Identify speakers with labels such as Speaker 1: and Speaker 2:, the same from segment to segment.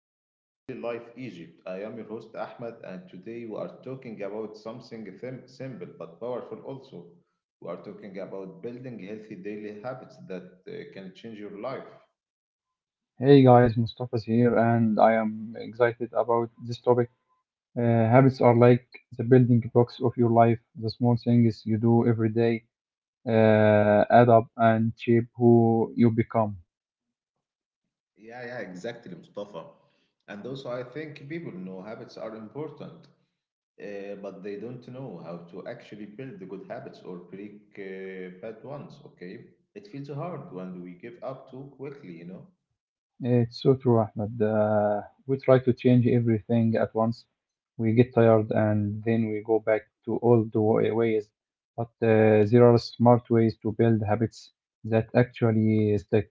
Speaker 1: welcome to Daily Life Egypt. I am your host Ahmed and today we are talking about something simple but powerful also. We are talking about building healthy daily habits that can change your life.
Speaker 2: Hey guys, Mustafa's here, and I am excited about this topic. Habits are like the building blocks of your life. The small things you do every day add up and shape who you become.
Speaker 1: Yeah, yeah, exactly, Mustafa. And also I think people know habits are important, but they don't know how to actually build the good habits or break bad ones, okay? It feels hard when we give up too quickly, you know?
Speaker 2: It's so true, Ahmed. We try to change everything at once. We get tired and then we go back to old ways. But there are smart ways to build habits that actually stick.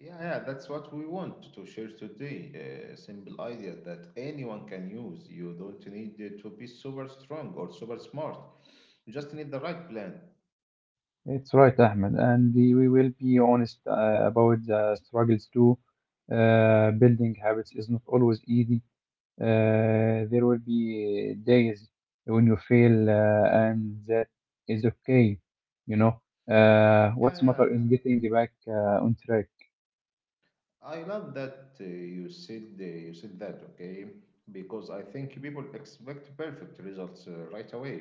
Speaker 1: Yeah, yeah, that's what we want to share today. A simple idea that anyone can use. You don't need it to be super strong or super smart. You just need the right plan.
Speaker 2: It's right, Ahmed, and we will be honest about the struggles too. Building habits is not always easy. There will be days when you fail, and that is okay. You know,
Speaker 1: Yeah,
Speaker 2: what's matter
Speaker 1: yeah.
Speaker 2: is getting back on track.
Speaker 1: I love that you said that, okay? Because I think people expect perfect results right away.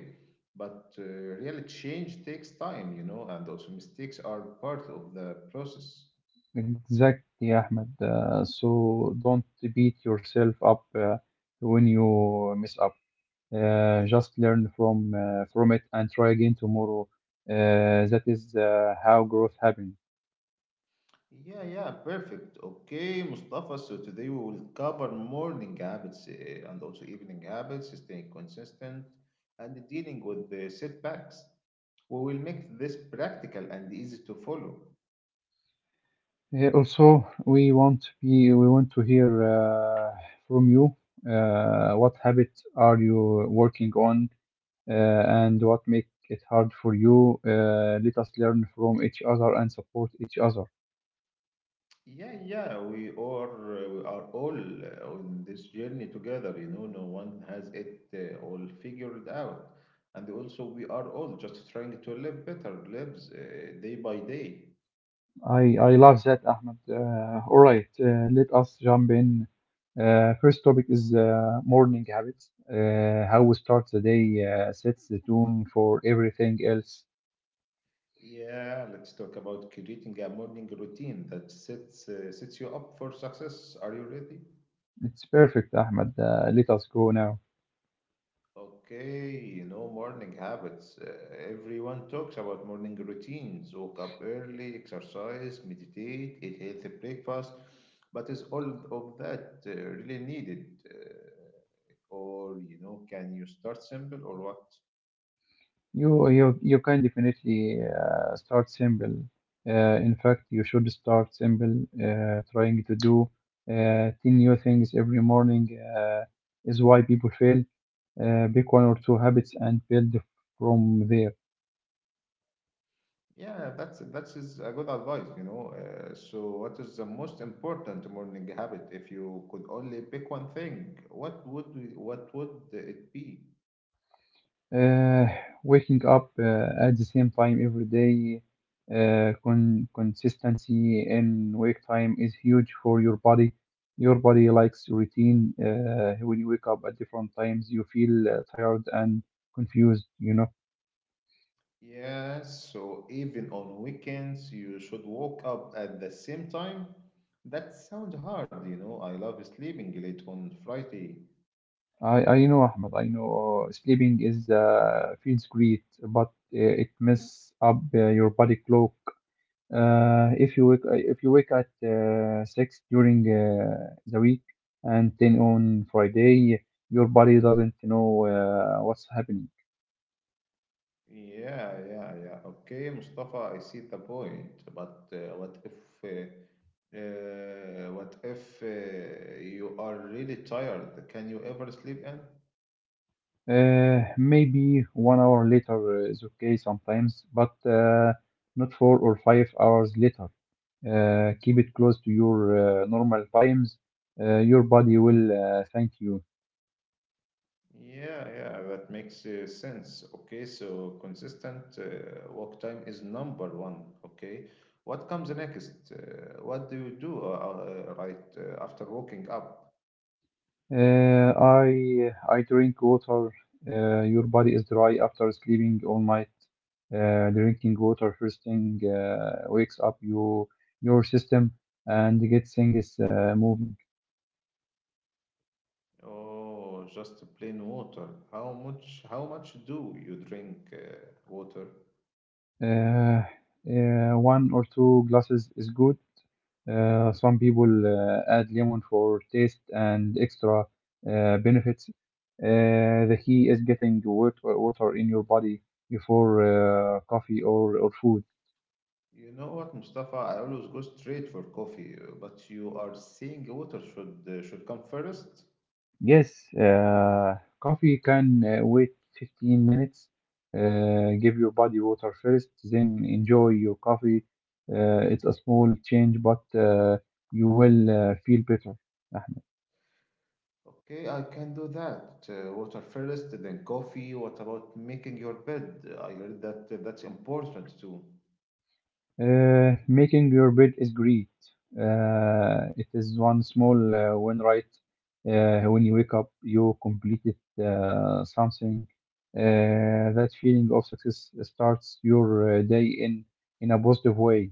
Speaker 1: But real change takes time, you know, and also mistakes are part of the process.
Speaker 2: Exactly, Ahmed. So don't beat yourself up when you mess up. Just learn from it and try again tomorrow. That is how growth happens.
Speaker 1: Yeah, yeah, perfect. Okay, Mustafa. So today we will cover morning habits and also evening habits, staying consistent and dealing with the setbacks. We will make this practical and easy to follow.
Speaker 2: Also, we want to hear from you. What habits are you working on, and what make it hard for you? Let us learn from each other and support each other.
Speaker 1: Yeah, yeah, we are all on this journey together. You know, no one has it all figured out, and also we are all just trying to live better lives day by day.
Speaker 2: I love that, Ahmed. All right, let us jump in. First topic is morning habits. How we start the day sets the tone for everything else.
Speaker 1: Yeah, let's talk about creating a morning routine that sets you up for success. Are you ready?
Speaker 2: It's perfect, Ahmed. Let us go now.
Speaker 1: Okay, you know morning habits. Everyone talks about morning routines. Wake up early, exercise, meditate, eat healthy breakfast. But is all of that really needed? Or you know, can you start simple or what?
Speaker 2: You can definitely start simple. In fact, you should start simple. Trying to do ten new things every morning uh, is why people fail. Pick one or two habits and build from there.
Speaker 1: Yeah, that is a good advice, you know. So, what is the most important morning habit? If you could only pick one thing, what would it be?
Speaker 2: Uh, waking up at the same time every day, consistency in wake time is huge for your body. Your body likes routine. When you wake up at different times, you feel tired and confused. You know,
Speaker 1: Yeah, so even on weekends, you should wake up at the same time. That sounds hard, you know. I love sleeping late on Friday.
Speaker 2: I, I know, Ahmed. I know sleeping is feels great, but it messes up your body clock. If you wake at six during the week and then on Friday, your body doesn't know what's happening.
Speaker 1: Yeah, yeah, yeah. Okay, Mustafa, I see the point. But what if you are really tired? Can you ever sleep in?
Speaker 2: Maybe 1 hour later is okay sometimes, but not 4 or 5 hours later. Keep it close to your normal times. Your body will thank you.
Speaker 1: Yeah, yeah, that makes sense. Okay, so consistent work time is number 1. Okay, what comes next? What do you do right after waking up?
Speaker 2: I drink water. Your body is dry after sleeping all night. Drinking water first thing wakes up you your system and gets things moving.
Speaker 1: Oh, just plain water. How much? How much do you drink water?
Speaker 2: Uh, one or two glasses is good. Some people add lemon for taste and extra benefits. The key is getting water in your body before coffee or food.
Speaker 1: You know what, Mustafa? I always go straight for coffee, but you are saying water should come first.
Speaker 2: Yes, coffee can wait 15 minutes. Give your body water first, then enjoy your coffee. It's a small change, but you will feel better.
Speaker 1: Okay, I can do that. Water first, then coffee. What about making your bed? I heard that that's important too.
Speaker 2: Making your bed is great. It is one small win, right? When you wake up, you completed something. That feeling of success starts your day in a positive way.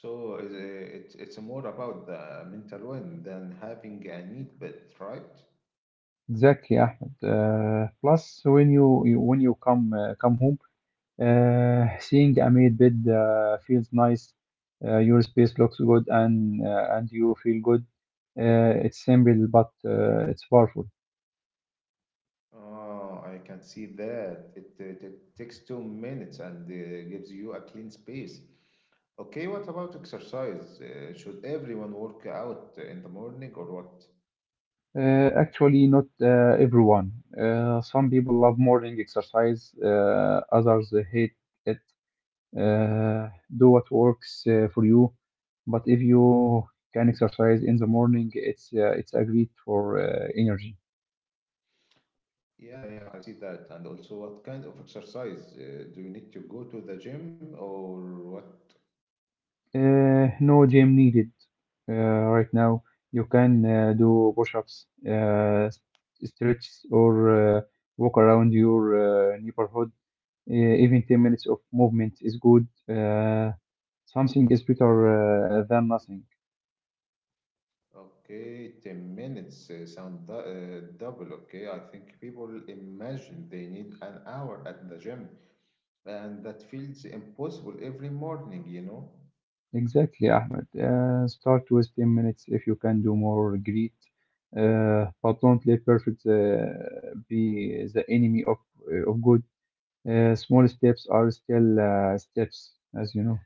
Speaker 1: So it's more about the mental well than having a neat bed, right?
Speaker 2: Exactly, Ahmed. Plus, when you come home, seeing a made bed feels nice. Your space looks good, and you feel good. It's simple, but it's powerful.
Speaker 1: Oh, I can see that. It takes 2 minutes and gives you a clean space. Okay, what about exercise? Should everyone work out in the morning or what?
Speaker 2: Actually, not everyone. Some people love morning exercise. Others hate it. uh, do what works for you. But if you can exercise in the morning, it's a great for energy.
Speaker 1: Yeah, yeah, I see that. And also, what kind of exercise? Do you need to go to the gym or what?
Speaker 2: No gym needed right now. You can do push-ups, stretches, or uh, walk around your neighborhood. Even 10 minutes of movement is good. Uh, something is better than nothing.
Speaker 1: Okay, 10 minutes sound double. Okay, I think people imagine they need an hour at the gym, and that feels impossible every morning, you know?
Speaker 2: Exactly, Ahmed. Start with 10 minutes. If you can do more, great. But don't let perfect be the enemy of good. Small steps are still steps, as you know.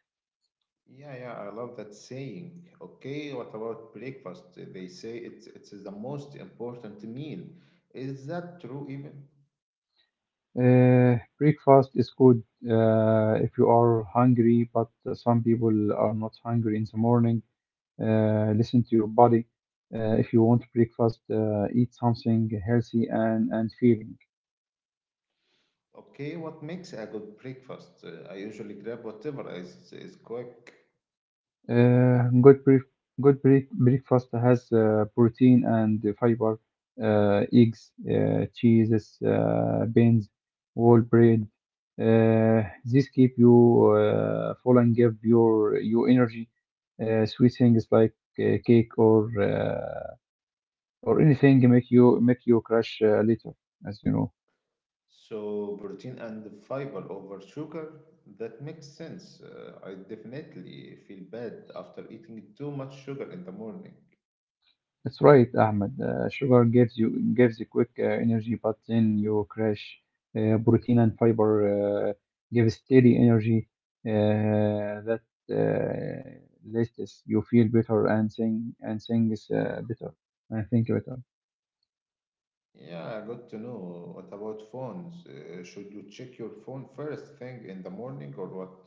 Speaker 1: Yeah, yeah, I love that saying. Okay, what about breakfast? They say it's the most important meal. Is that true even?
Speaker 2: Breakfast is good if you are hungry, but some people are not hungry in the morning. Listen to your body. If you want breakfast, eat something healthy and and filling.
Speaker 1: Okay, what makes a good breakfast? I usually grab whatever is quick.
Speaker 2: Good bref- good bre- breakfast has protein and fiber, eggs, cheeses, beans, whole bread. These keep you full and give you energy. Sweet things like cake or anything make you crash later, as you know.
Speaker 1: So protein and fiber over sugar, that makes sense. I definitely feel bad after eating too much sugar in the morning.
Speaker 2: That's right, Ahmed. Sugar gives you quick energy, but then you crash. Protein and fiber give steady energy that uh, lasts. You feel better and sing and things better and think better.
Speaker 1: Yeah, good to know. What about phones? Should you check your phone first thing in the morning or what?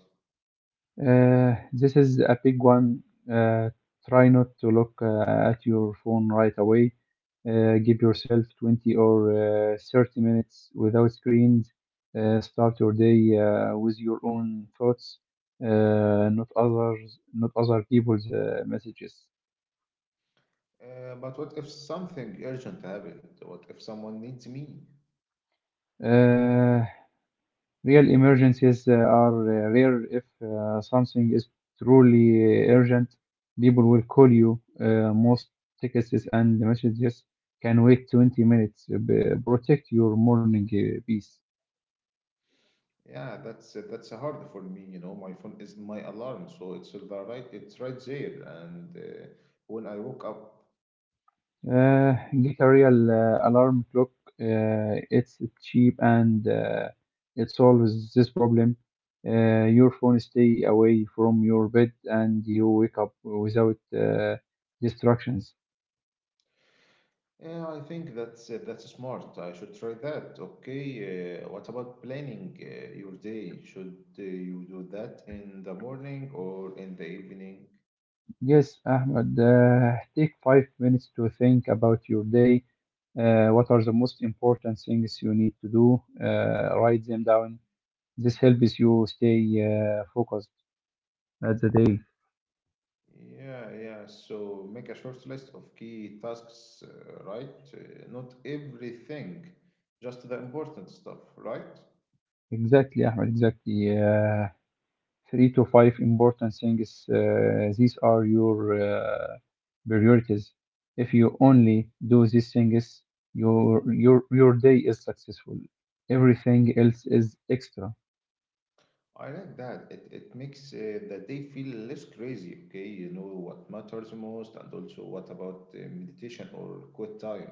Speaker 2: This is a big one. Uh, try not to look at your phone right away. Give yourself 20 or 30 minutes without screens. Start your day with your own thoughts, not other people's messages.
Speaker 1: But what if something urgent happened? What if someone needs me?
Speaker 2: Uh, Real emergencies are rare. If something is truly urgent, people will call you. Most texts and messages can wait 20 minutes. B- protect your morning peace.
Speaker 1: Yeah, that's hard for me. You know, my phone is my alarm, so it's right there. And when I woke up,
Speaker 2: Uh, get a real alarm clock. It's cheap and it solves this problem. Your phone stay away from your bed and you wake up without distractions.
Speaker 1: yeah, I think that's smart. I should try that. Okay, what about planning your day? Should you do that in the morning or in the evening?
Speaker 2: Yes, Ahmed, take 5 minutes to think about your day. What are the most important things you need to do? Write them down. This helps you stay focused at the day.
Speaker 1: Yeah, yeah. So make a short list of key tasks, right? Not everything, just the important stuff, right?
Speaker 2: Exactly, Ahmed, exactly. Three to five important things. These are your priorities. If you only do these things, your day is successful. Everything else is extra.
Speaker 1: I like that. It makes the day feel less crazy, okay? You know what matters most, and also what about meditation or quiet time?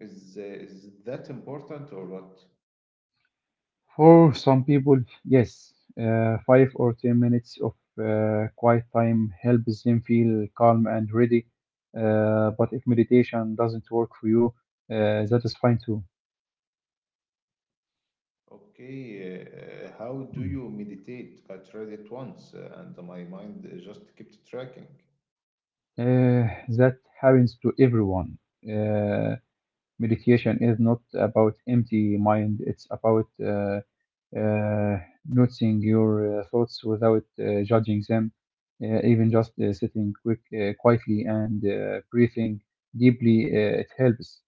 Speaker 1: Is that important or what?
Speaker 2: For some people, yes, 5 or 10 minutes of quiet time helps them feel calm and ready. But if meditation doesn't work for you, that is fine too.
Speaker 1: Okay, how do you
Speaker 2: Mhm.
Speaker 1: meditate? I tried it once and my mind just kept tracking.
Speaker 2: Uh, that happens to everyone. Uh, meditation is not about empty mind, it's about uh, noticing your thoughts without judging them, even just sitting quietly and breathing deeply, it helps.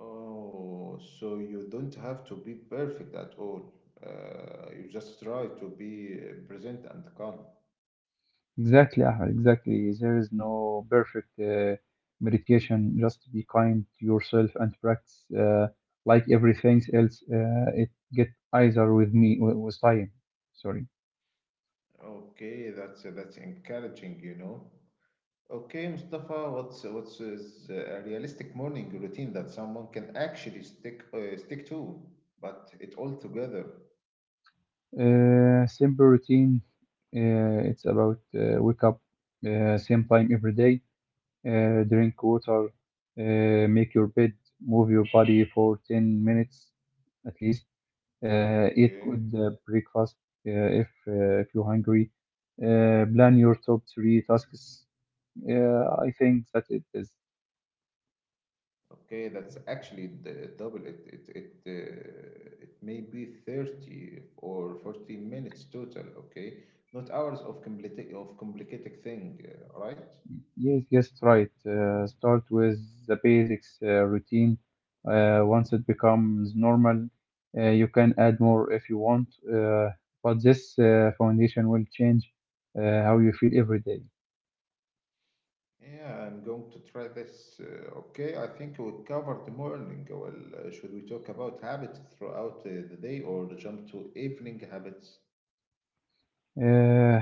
Speaker 1: Oh, so you don't have to be perfect at all. You just try to be present and calm.
Speaker 2: Exactly, Ahmed, exactly. There is no perfect meditation. Just be kind to yourself and practice like everything else. It get either with me with time. Sorry.
Speaker 1: Okay, that's encouraging, you know. Okay, Mustafa, what's is a realistic morning routine that someone can actually stick to, but it all together.
Speaker 2: Simple routine. It's about wake up same time every day, drink water, make your bed, move your body for 10 minutes at least, eat
Speaker 1: Okay.
Speaker 2: good breakfast if you're hungry, plan your top three tasks. I think that it is.
Speaker 1: Okay, that's actually the double. It may be 30 or 40 minutes total, okay? Not hours of complicated thing, right?
Speaker 2: Yes, yes, right. Start with the basics routine. Once it becomes normal, you can add more if you want. But this foundation will change how you feel every day.
Speaker 1: Yeah, I'm going to try this. Okay, I think we covered the morning. Well, should we talk about habits throughout the day or jump to evening habits?
Speaker 2: Uh,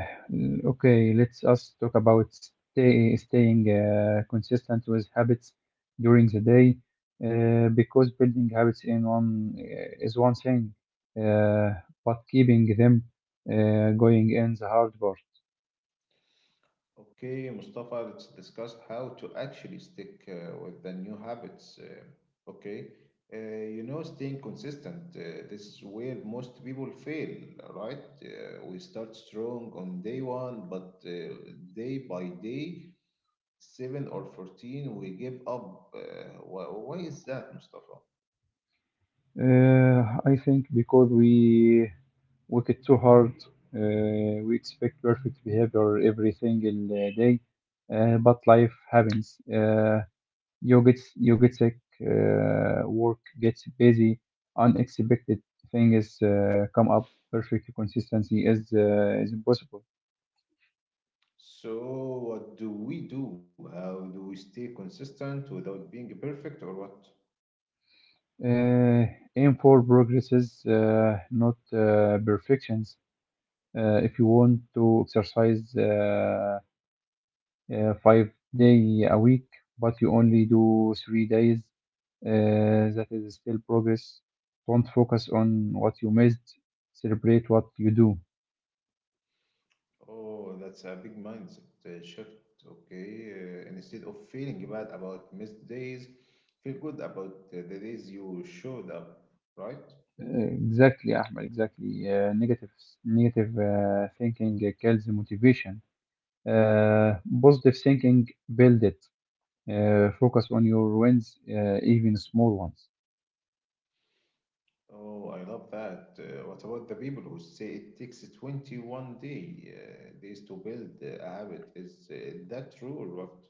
Speaker 2: Okay, let's us talk about staying consistent with habits during the day, because building habits in one is one thing, uh, but keeping them going in the hard part.
Speaker 1: Okay, Mustafa, let's discuss how to actually stick with the new habits. Okay, uh, you know, staying consistent. This is where most people fail, right? We start strong on day 1, but day by day, 7 or 14, we give up. Why is that, Mustafa?
Speaker 2: Uh, I think because we work it too hard, we expect perfect behavior every single day, but life happens. You get sick. Work gets busy. Unexpected things come up. Perfect consistency is impossible.
Speaker 1: So, what do we do? How do we stay consistent without being perfect, or what?
Speaker 2: Uh, aim for progresses, not perfections. If you want to exercise 5 day a week, but you only do 3 days, that is still progress. Don't focus on what you missed. Celebrate what you do.
Speaker 1: Oh, that's a big mindset shift. Okay. Instead of feeling bad about missed days, feel good about the days you showed up, right?
Speaker 2: Exactly, Ahmed, exactly. Negative thinking kills motivation. Uh, positive thinking build it. Focus on your wins, even small ones.
Speaker 1: Oh, I love that. What about the people who say it takes 21 days to build a habit? Is that true or what?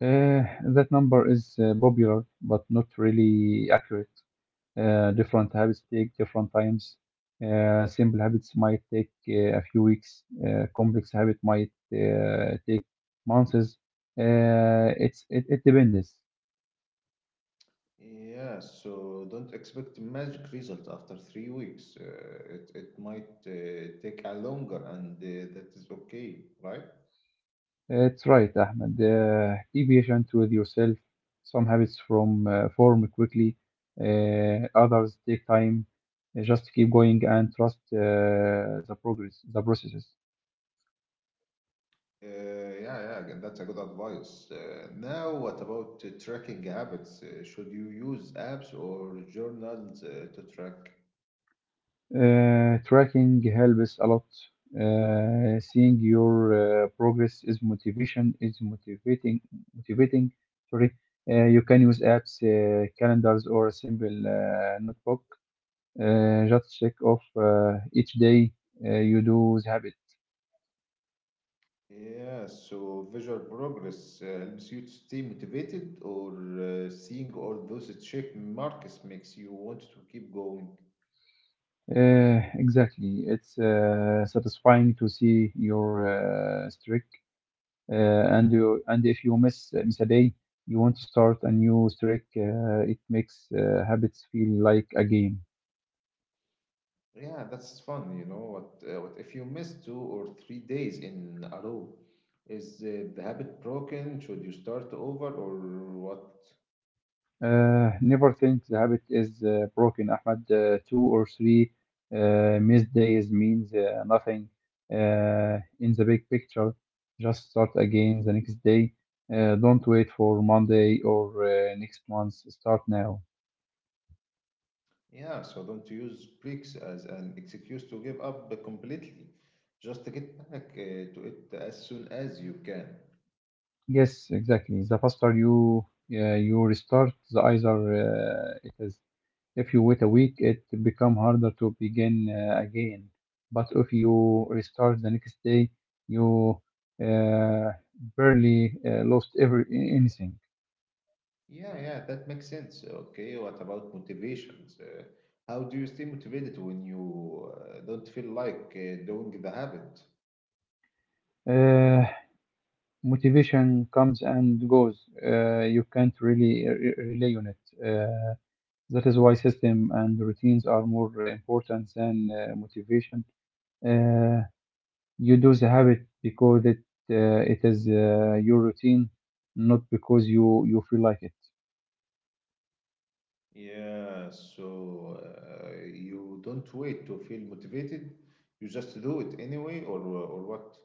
Speaker 2: Uh, that number is popular, but not really accurate. Different habits take different times. Simple habits might take a few weeks. Complex habit might take months. It depends.
Speaker 1: Yeah, so don't expect magic results after 3 weeks. It might take a longer, and that is okay, right?
Speaker 2: It's right, Ahmed. Be patient with yourself. Some habits from form quickly, others take time. Just keep going and trust the processes.
Speaker 1: Uh, yeah, yeah, that's a good advice. Now, what about tracking habits? Should you use apps or journals to track?
Speaker 2: Tracking helps a lot. Seeing your progress is motivation is motivating motivating. Sorry, you can use apps, calendars, or a simple notebook. Just check off each day you do the habit.
Speaker 1: Yeah, so visual progress helps you to stay motivated, or seeing all those check marks makes you want to keep going.
Speaker 2: Exactly. It's satisfying to see your streak, and if you miss a day, you want to start a new streak. It makes habits feel like a game.
Speaker 1: Yeah, that's fun, you know. What if you miss 2 or 3 days in a row? Is the habit broken? Should you start over, or what?
Speaker 2: Never think the habit is broken, Ahmed. Two or three missed days means nothing in the big picture. Just start again the next day. Don't wait for Monday or next month. Start now.
Speaker 1: Yeah, so don't use breaks as an excuse to give up completely. Just get back to it as soon as you can.
Speaker 2: Yes, exactly. The faster you you restart, the easier it is. If you wait a week, it become harder to begin again. But if you restart the next day, you uh, barely lost every anything.
Speaker 1: Yeah, yeah, that makes sense. Okay, what about motivations? How do you stay motivated when you don't feel like doing the habit?
Speaker 2: Uh, Motivation comes and goes. You can't really rely on it. That is why system and routines are more important than motivation. Uh, you do the habit because it is your routine, not because you feel like it.
Speaker 1: Yeah, so you don't wait to feel motivated, you just do it anyway, or what?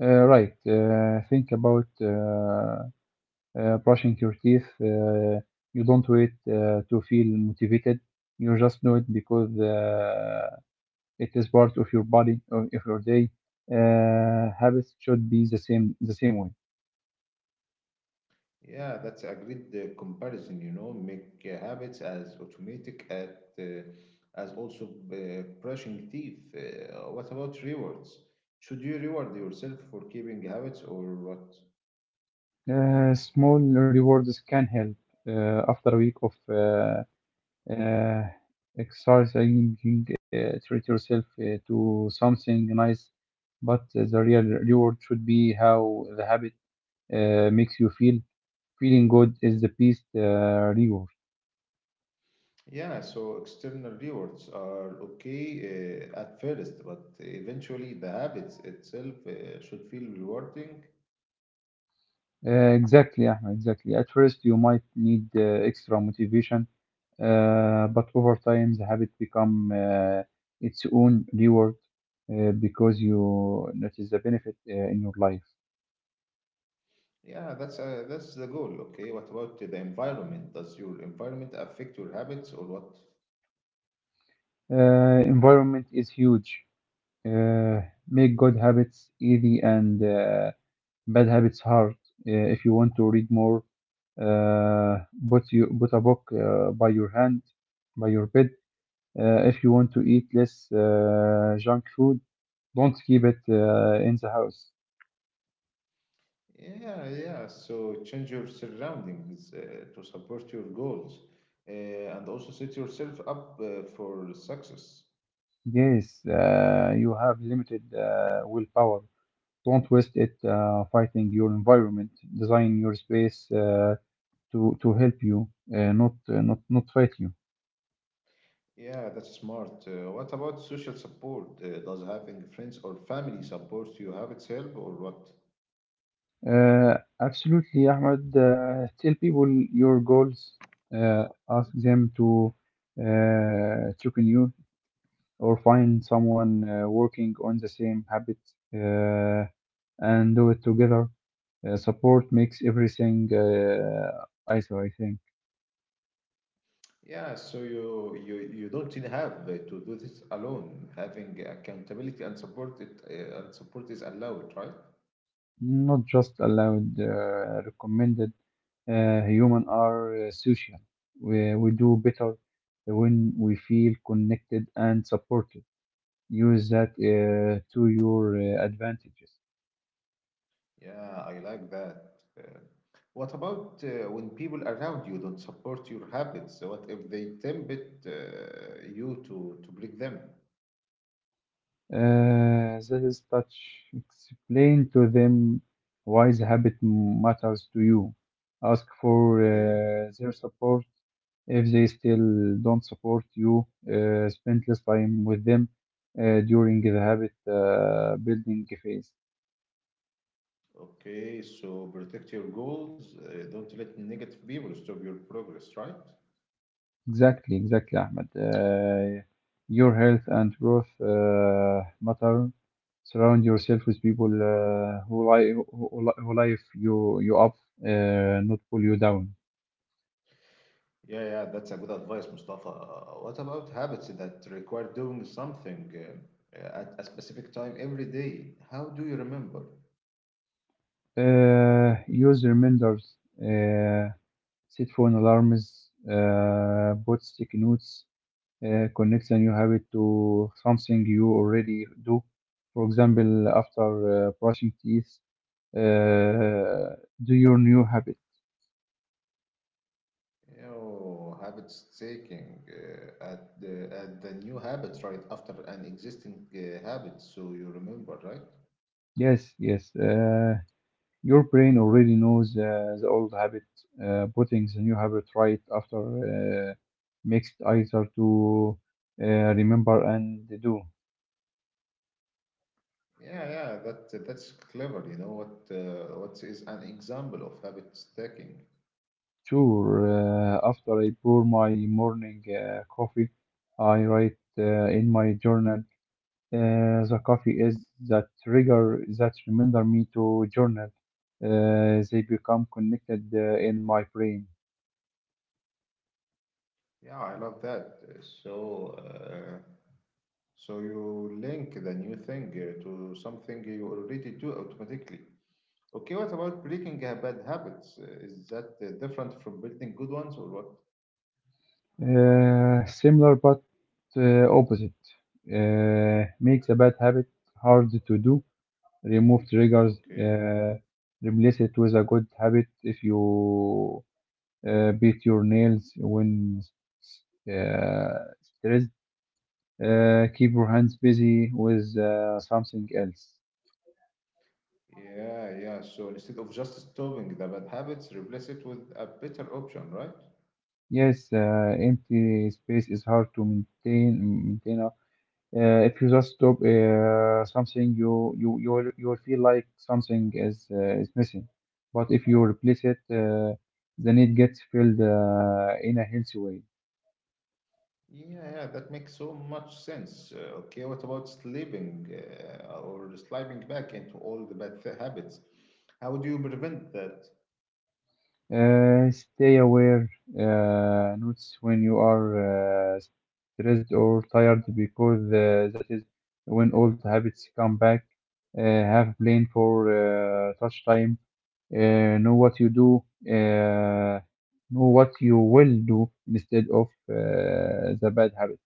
Speaker 2: Right. Think about brushing your teeth. You don't wait to feel motivated. You just do it because it is part of your body or of your day. Habits should be the same way.
Speaker 1: Yeah, that's a great comparison, you know, make habits as automatic at as also brushing teeth. What about rewards? Should you reward yourself for keeping habits or what?
Speaker 2: Small rewards can help. After a week of uh, exercising, treat yourself to something nice. But the real reward should be how the habit makes you feel. Feeling good is the best reward.
Speaker 1: Yeah, so external rewards are okay at first, but eventually the habits itself should feel rewarding.
Speaker 2: Exactly, Ahmed, exactly. At first, you might need extra motivation, but over time, the habit become its own reward because you notice the benefit in your life.
Speaker 1: Yeah, that's the goal. Okay, what about the environment? Does your environment affect your habits or what?
Speaker 2: Environment is huge. Uh, Make good habits easy and bad habits hard. If you want to read more, uh, put a book by your hand by your bed. If you want to eat less junk food, don't keep it in the house.
Speaker 1: Yeah, yeah. So change your surroundings to support your goals uh, and also set yourself up for success.
Speaker 2: Yes, you have limited willpower. Don't waste it fighting your environment. Design your space uh, to help you, uh, not not fight you.
Speaker 1: Yeah, that's smart. What about social support? Does having friends or family support you have its help or what?
Speaker 2: Absolutely, Ahmed. Tell people your goals, ask them to check on you, or find someone working on the same habit uh, and do it together. Support makes everything ISO, I think.
Speaker 1: Yeah, so you don't really have to do this alone. Having accountability and support is allowed, right?
Speaker 2: Not just allowed, recommended. Human are social. We do better when we feel connected and supported. Use that to your advantages.
Speaker 1: Yeah, I like that. Uh, what about when people around you don't support your habits? So what if they tempt uh, you to break them?
Speaker 2: This touch. Explain to them why the habit matters to you. Ask for
Speaker 1: Okay,
Speaker 2: their support. If they still don't support you, spend less time with them during the habit building phase.
Speaker 1: okay, so protect your goals. Don't let negative people stop your progress, right?
Speaker 2: Exactly, exactly, Ahmed. Your health and growth matter. Surround yourself with people who life you up, not pull you down.
Speaker 1: Yeah, yeah, that's a good advice, Mustafa. What about habits that require doing something at a specific time every day? How do you remember?
Speaker 2: Use reminders, uh, set phone alarms, put sticky notes, connect a new habit to something you already do. For example, after brushing teeth, uh, do your new habit.
Speaker 1: Yo, habit staking at the new habit right after an existing habit, so you remember, right?
Speaker 2: Yes, yes. Your brain already knows the old habit. Putting the new habit right after makes it easier to uh, remember and do.
Speaker 1: Yeah, yeah, that that's clever. You know what is an example of habit stacking?
Speaker 2: Sure, after I pour my morning coffee, I write in my journal. The coffee is that trigger that remember me to journal. They become connected in my brain.
Speaker 1: Yeah, I love that. So so you link the new thing to something you already do automatically. Okay, what about breaking bad habits? Is that different from building good ones or what?
Speaker 2: Similar but opposite. Make the bad habit hard to do. Remove triggers.
Speaker 1: Okay.
Speaker 2: Replace it with a good habit if you beat your nails when uh, stressed. Keep your hands busy with something else.
Speaker 1: Yeah, yeah. So instead of just stopping the bad habits, replace it with a better option, right?
Speaker 2: Yes, empty space is hard to maintain. If you just stop something, you will feel like something is missing. But if you replace it, then it gets filled in a healthy way.
Speaker 1: Yeah, yeah, that makes so much sense. Okay, what about sleeping or sliding back into all the bad habits? How do you prevent that?
Speaker 2: Stay aware, notice when you are stressed or tired, because that is when old habits come back. Have plan for touch time. Know what you do. Uh, know what you will do instead of the bad habit.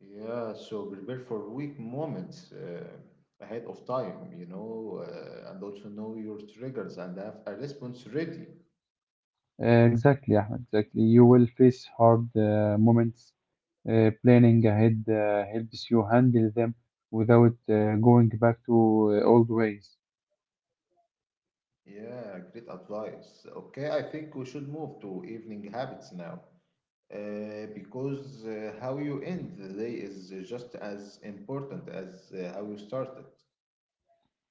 Speaker 1: Yeah, so prepare for weak moments ahead of time, you know, and also know your triggers and have a response ready.
Speaker 2: Exactly, Ahmed, exactly. You will face hard moments. Planning ahead helps you handle them without going back to old ways.
Speaker 1: Yeah, great advice. Okay, I think we should move to evening habits now. Because how you end the day is just as important as how you started.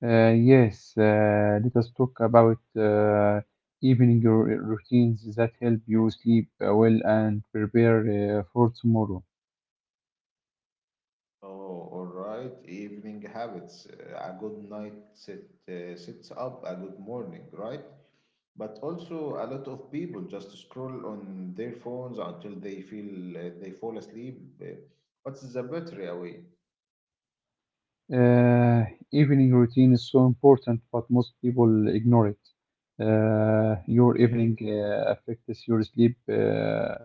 Speaker 2: Yes, let us talk about evening routines that help you sleep well and prepare for tomorrow.
Speaker 1: Oh, all right. Evening habits, a good night sit, sits up, a good morning, right? But also, a lot of people just scroll on their phones until they feel they fall asleep. What's the battery away?
Speaker 2: Uh, Evening routine is so important, but most people ignore it. Your evening
Speaker 1: Okay,
Speaker 2: affects your sleep uh,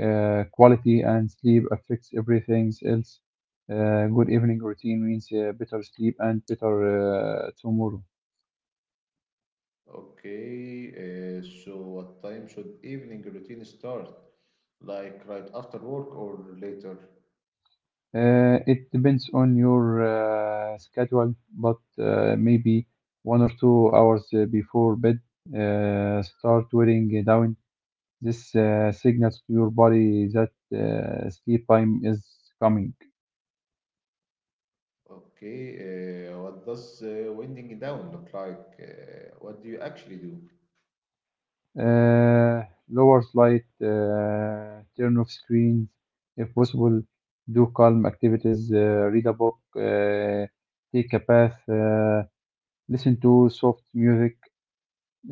Speaker 2: uh, quality, and sleep affects everything else. Good evening routine means better sleep and better tomorrow.
Speaker 1: okay. So, what time should evening routine start? Like right after work or later?
Speaker 2: It depends on your schedule, but maybe one or two hours before bed, start wearing down. This signals to your body that sleep time is coming.
Speaker 1: Okay, what does winding down look like? What do you actually do?
Speaker 2: uh, Lower light, turn off screens if possible, do calm activities, read a book, take a bath, listen to soft music,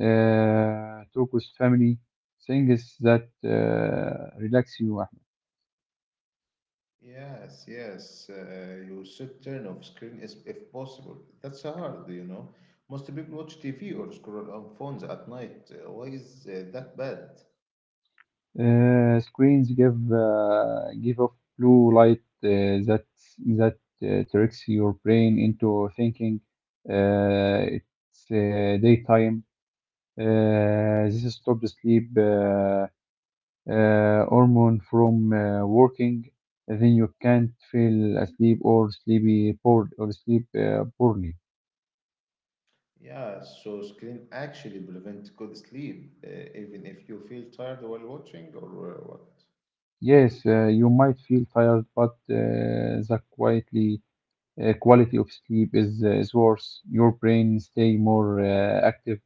Speaker 2: talk with family, things that relax you, Ahmed.
Speaker 1: Yes, yes, you should turn off screen as, if possible. That's hard, you know. Most people watch TV or scroll on phones at night. Why is that bad?
Speaker 2: Screens give off blue light that tricks your brain into thinking it's daytime. This stop sleep hormone from working, then you can't feel asleep or sleepy bored or sleep poorly.
Speaker 1: Yeah, so screen actually prevent good sleep, even if you feel tired while watching or what?
Speaker 2: Yes, you might feel tired, but the quietly quality of sleep is worse. Your brain stay more active,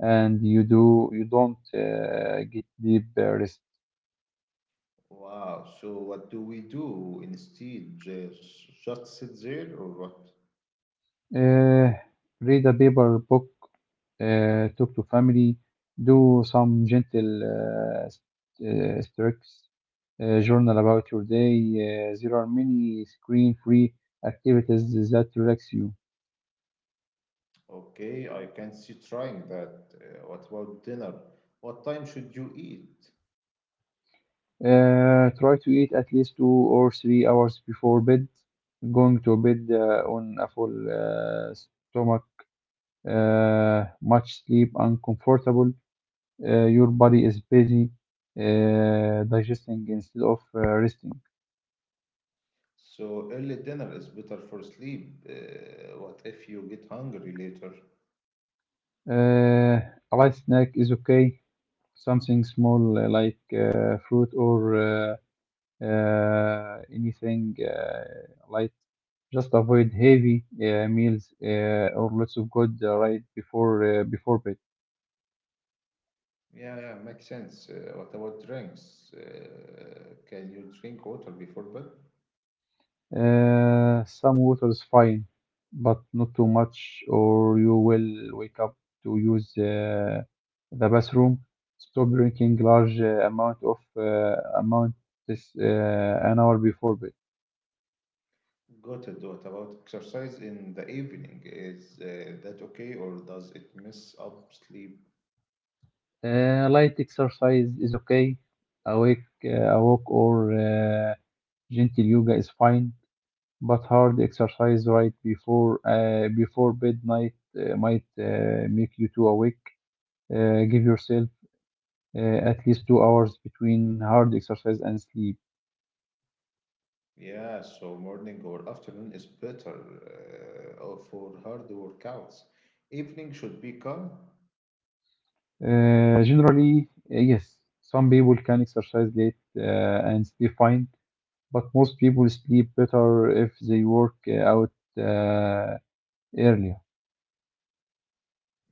Speaker 2: and you don't get deep rest.
Speaker 1: Wow, so what do we do instead? Just sit there or what?
Speaker 2: Uh, Read a paper book, talk to family, do some gentle strokes, journal about your day. There are many screen-free activities that relax you.
Speaker 1: Okay, I can see trying that. What about dinner? What time should you eat?
Speaker 2: Try to eat at least two or three hours before bed. Going to bed on a full stomach, much sleep, uncomfortable. Your body is busy digesting instead of resting.
Speaker 1: So early dinner is better for sleep. What if you get hungry later?
Speaker 2: Uh, a light snack is okay, something small like fruit or anything light. Just avoid heavy meals or lots of good right before before bed.
Speaker 1: Yeah, yeah, makes sense. What about drinks? Can you drink water before bed?
Speaker 2: Some water is fine, but not too much, or you will wake up to use the bathroom. Stop drinking large amount this an hour before bed.
Speaker 1: Got it. What about exercise in the evening? Is that okay or does it mess up sleep?
Speaker 2: Light exercise is okay. Awake, a walk or gentle yoga is fine, but hard exercise right before before bed night might make you too awake. Give yourself uh, at least two hours between hard exercise and sleep.
Speaker 1: Yeah, so morning or afternoon is better for hard workouts. Evening should be calm.
Speaker 2: Generally, yes, some people can exercise late and sleep fine, but most people sleep better if they work out uh, early.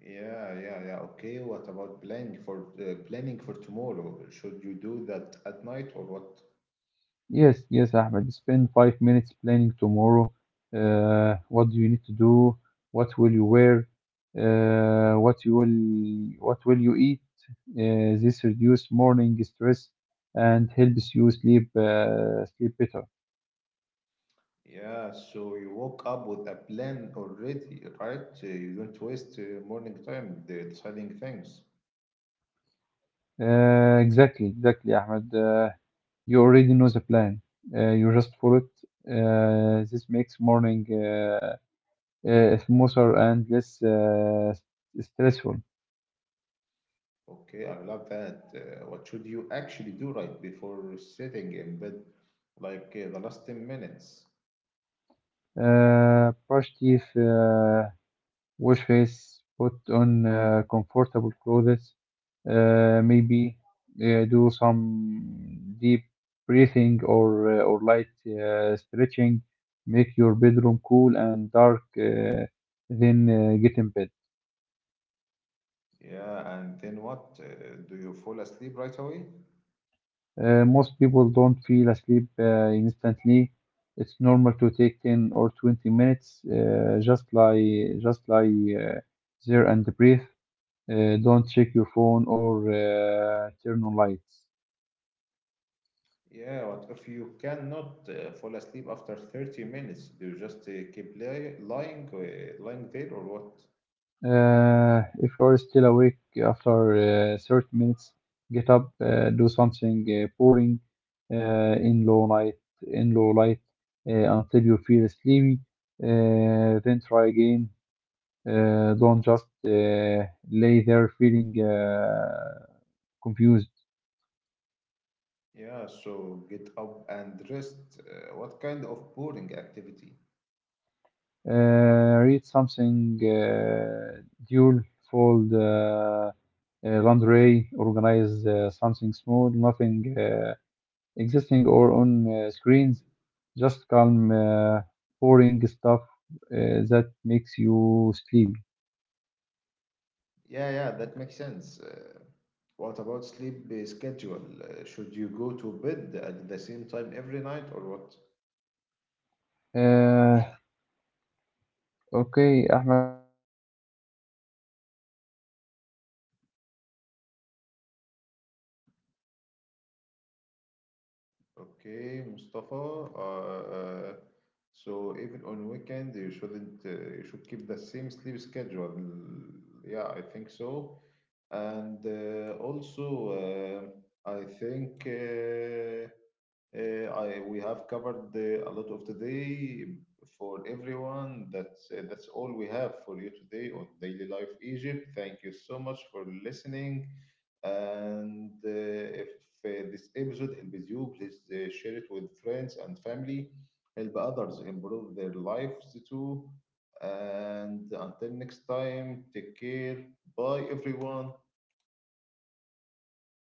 Speaker 1: Yeah, yeah, yeah. Okay, what about planning for tomorrow? Should you do that at night or what?
Speaker 2: Yes, yes, Ahmed. Spend five minutes planning tomorrow. What do you need to do? What will you wear? Uh, what will you eat? This reduce morning stress and helps you sleep better.
Speaker 1: Yeah, so you woke up with a plan already, right? You don't waste morning time deciding things.
Speaker 2: Exactly, exactly, Ahmed. You already know the plan. You just follow it. This makes morning smoother and less stressful.
Speaker 1: Okay, I love that. What should you actually do right before sitting in bed, like the last 10 minutes?
Speaker 2: Brush teeth, wash face, put on comfortable clothes, maybe do some deep breathing or or light stretching. Make your bedroom cool and dark, then get in bed.
Speaker 1: Yeah, and then what? Do you fall asleep right away?
Speaker 2: Most people don't feel asleep instantly. It's normal to take 10 or 20 minutes. Just lie uh, there and breathe. Don't check your phone or turn on lights.
Speaker 1: Yeah, what if you cannot fall asleep after 30 minutes? Do you just keep lying there or what?
Speaker 2: If you are still awake after 30 minutes, get up, do something boring uh, in low light, in low light until you feel sleepy. Then try again. Don't just lay there feeling confused.
Speaker 1: Yeah, so get up and rest. What kind of boring activity?
Speaker 2: Read something dual fold laundry, organize something small, nothing existing or on screens, just calm boring stuff that makes you sleepy.
Speaker 1: Yeah, yeah, that makes sense. What about sleep schedule? Should you go to bed at the same time every night or what?
Speaker 2: uh, okay, Ahmed, uh, I talk too much about this life cycle, uh, so thank
Speaker 1: Okay,
Speaker 2: you about that.
Speaker 1: Mustafa. So even on weekend, you shouldn't you should keep the same sleep schedule. Yeah, I think so. And also, uh, I think. Uh, we have covered a lot of today for everyone. That's all we have for you today on Daily Life Egypt. Thank you so much for listening. And if this episode helps you, please share it with friends and family. Help others improve their lives too. And until next time, take care. Bye, everyone.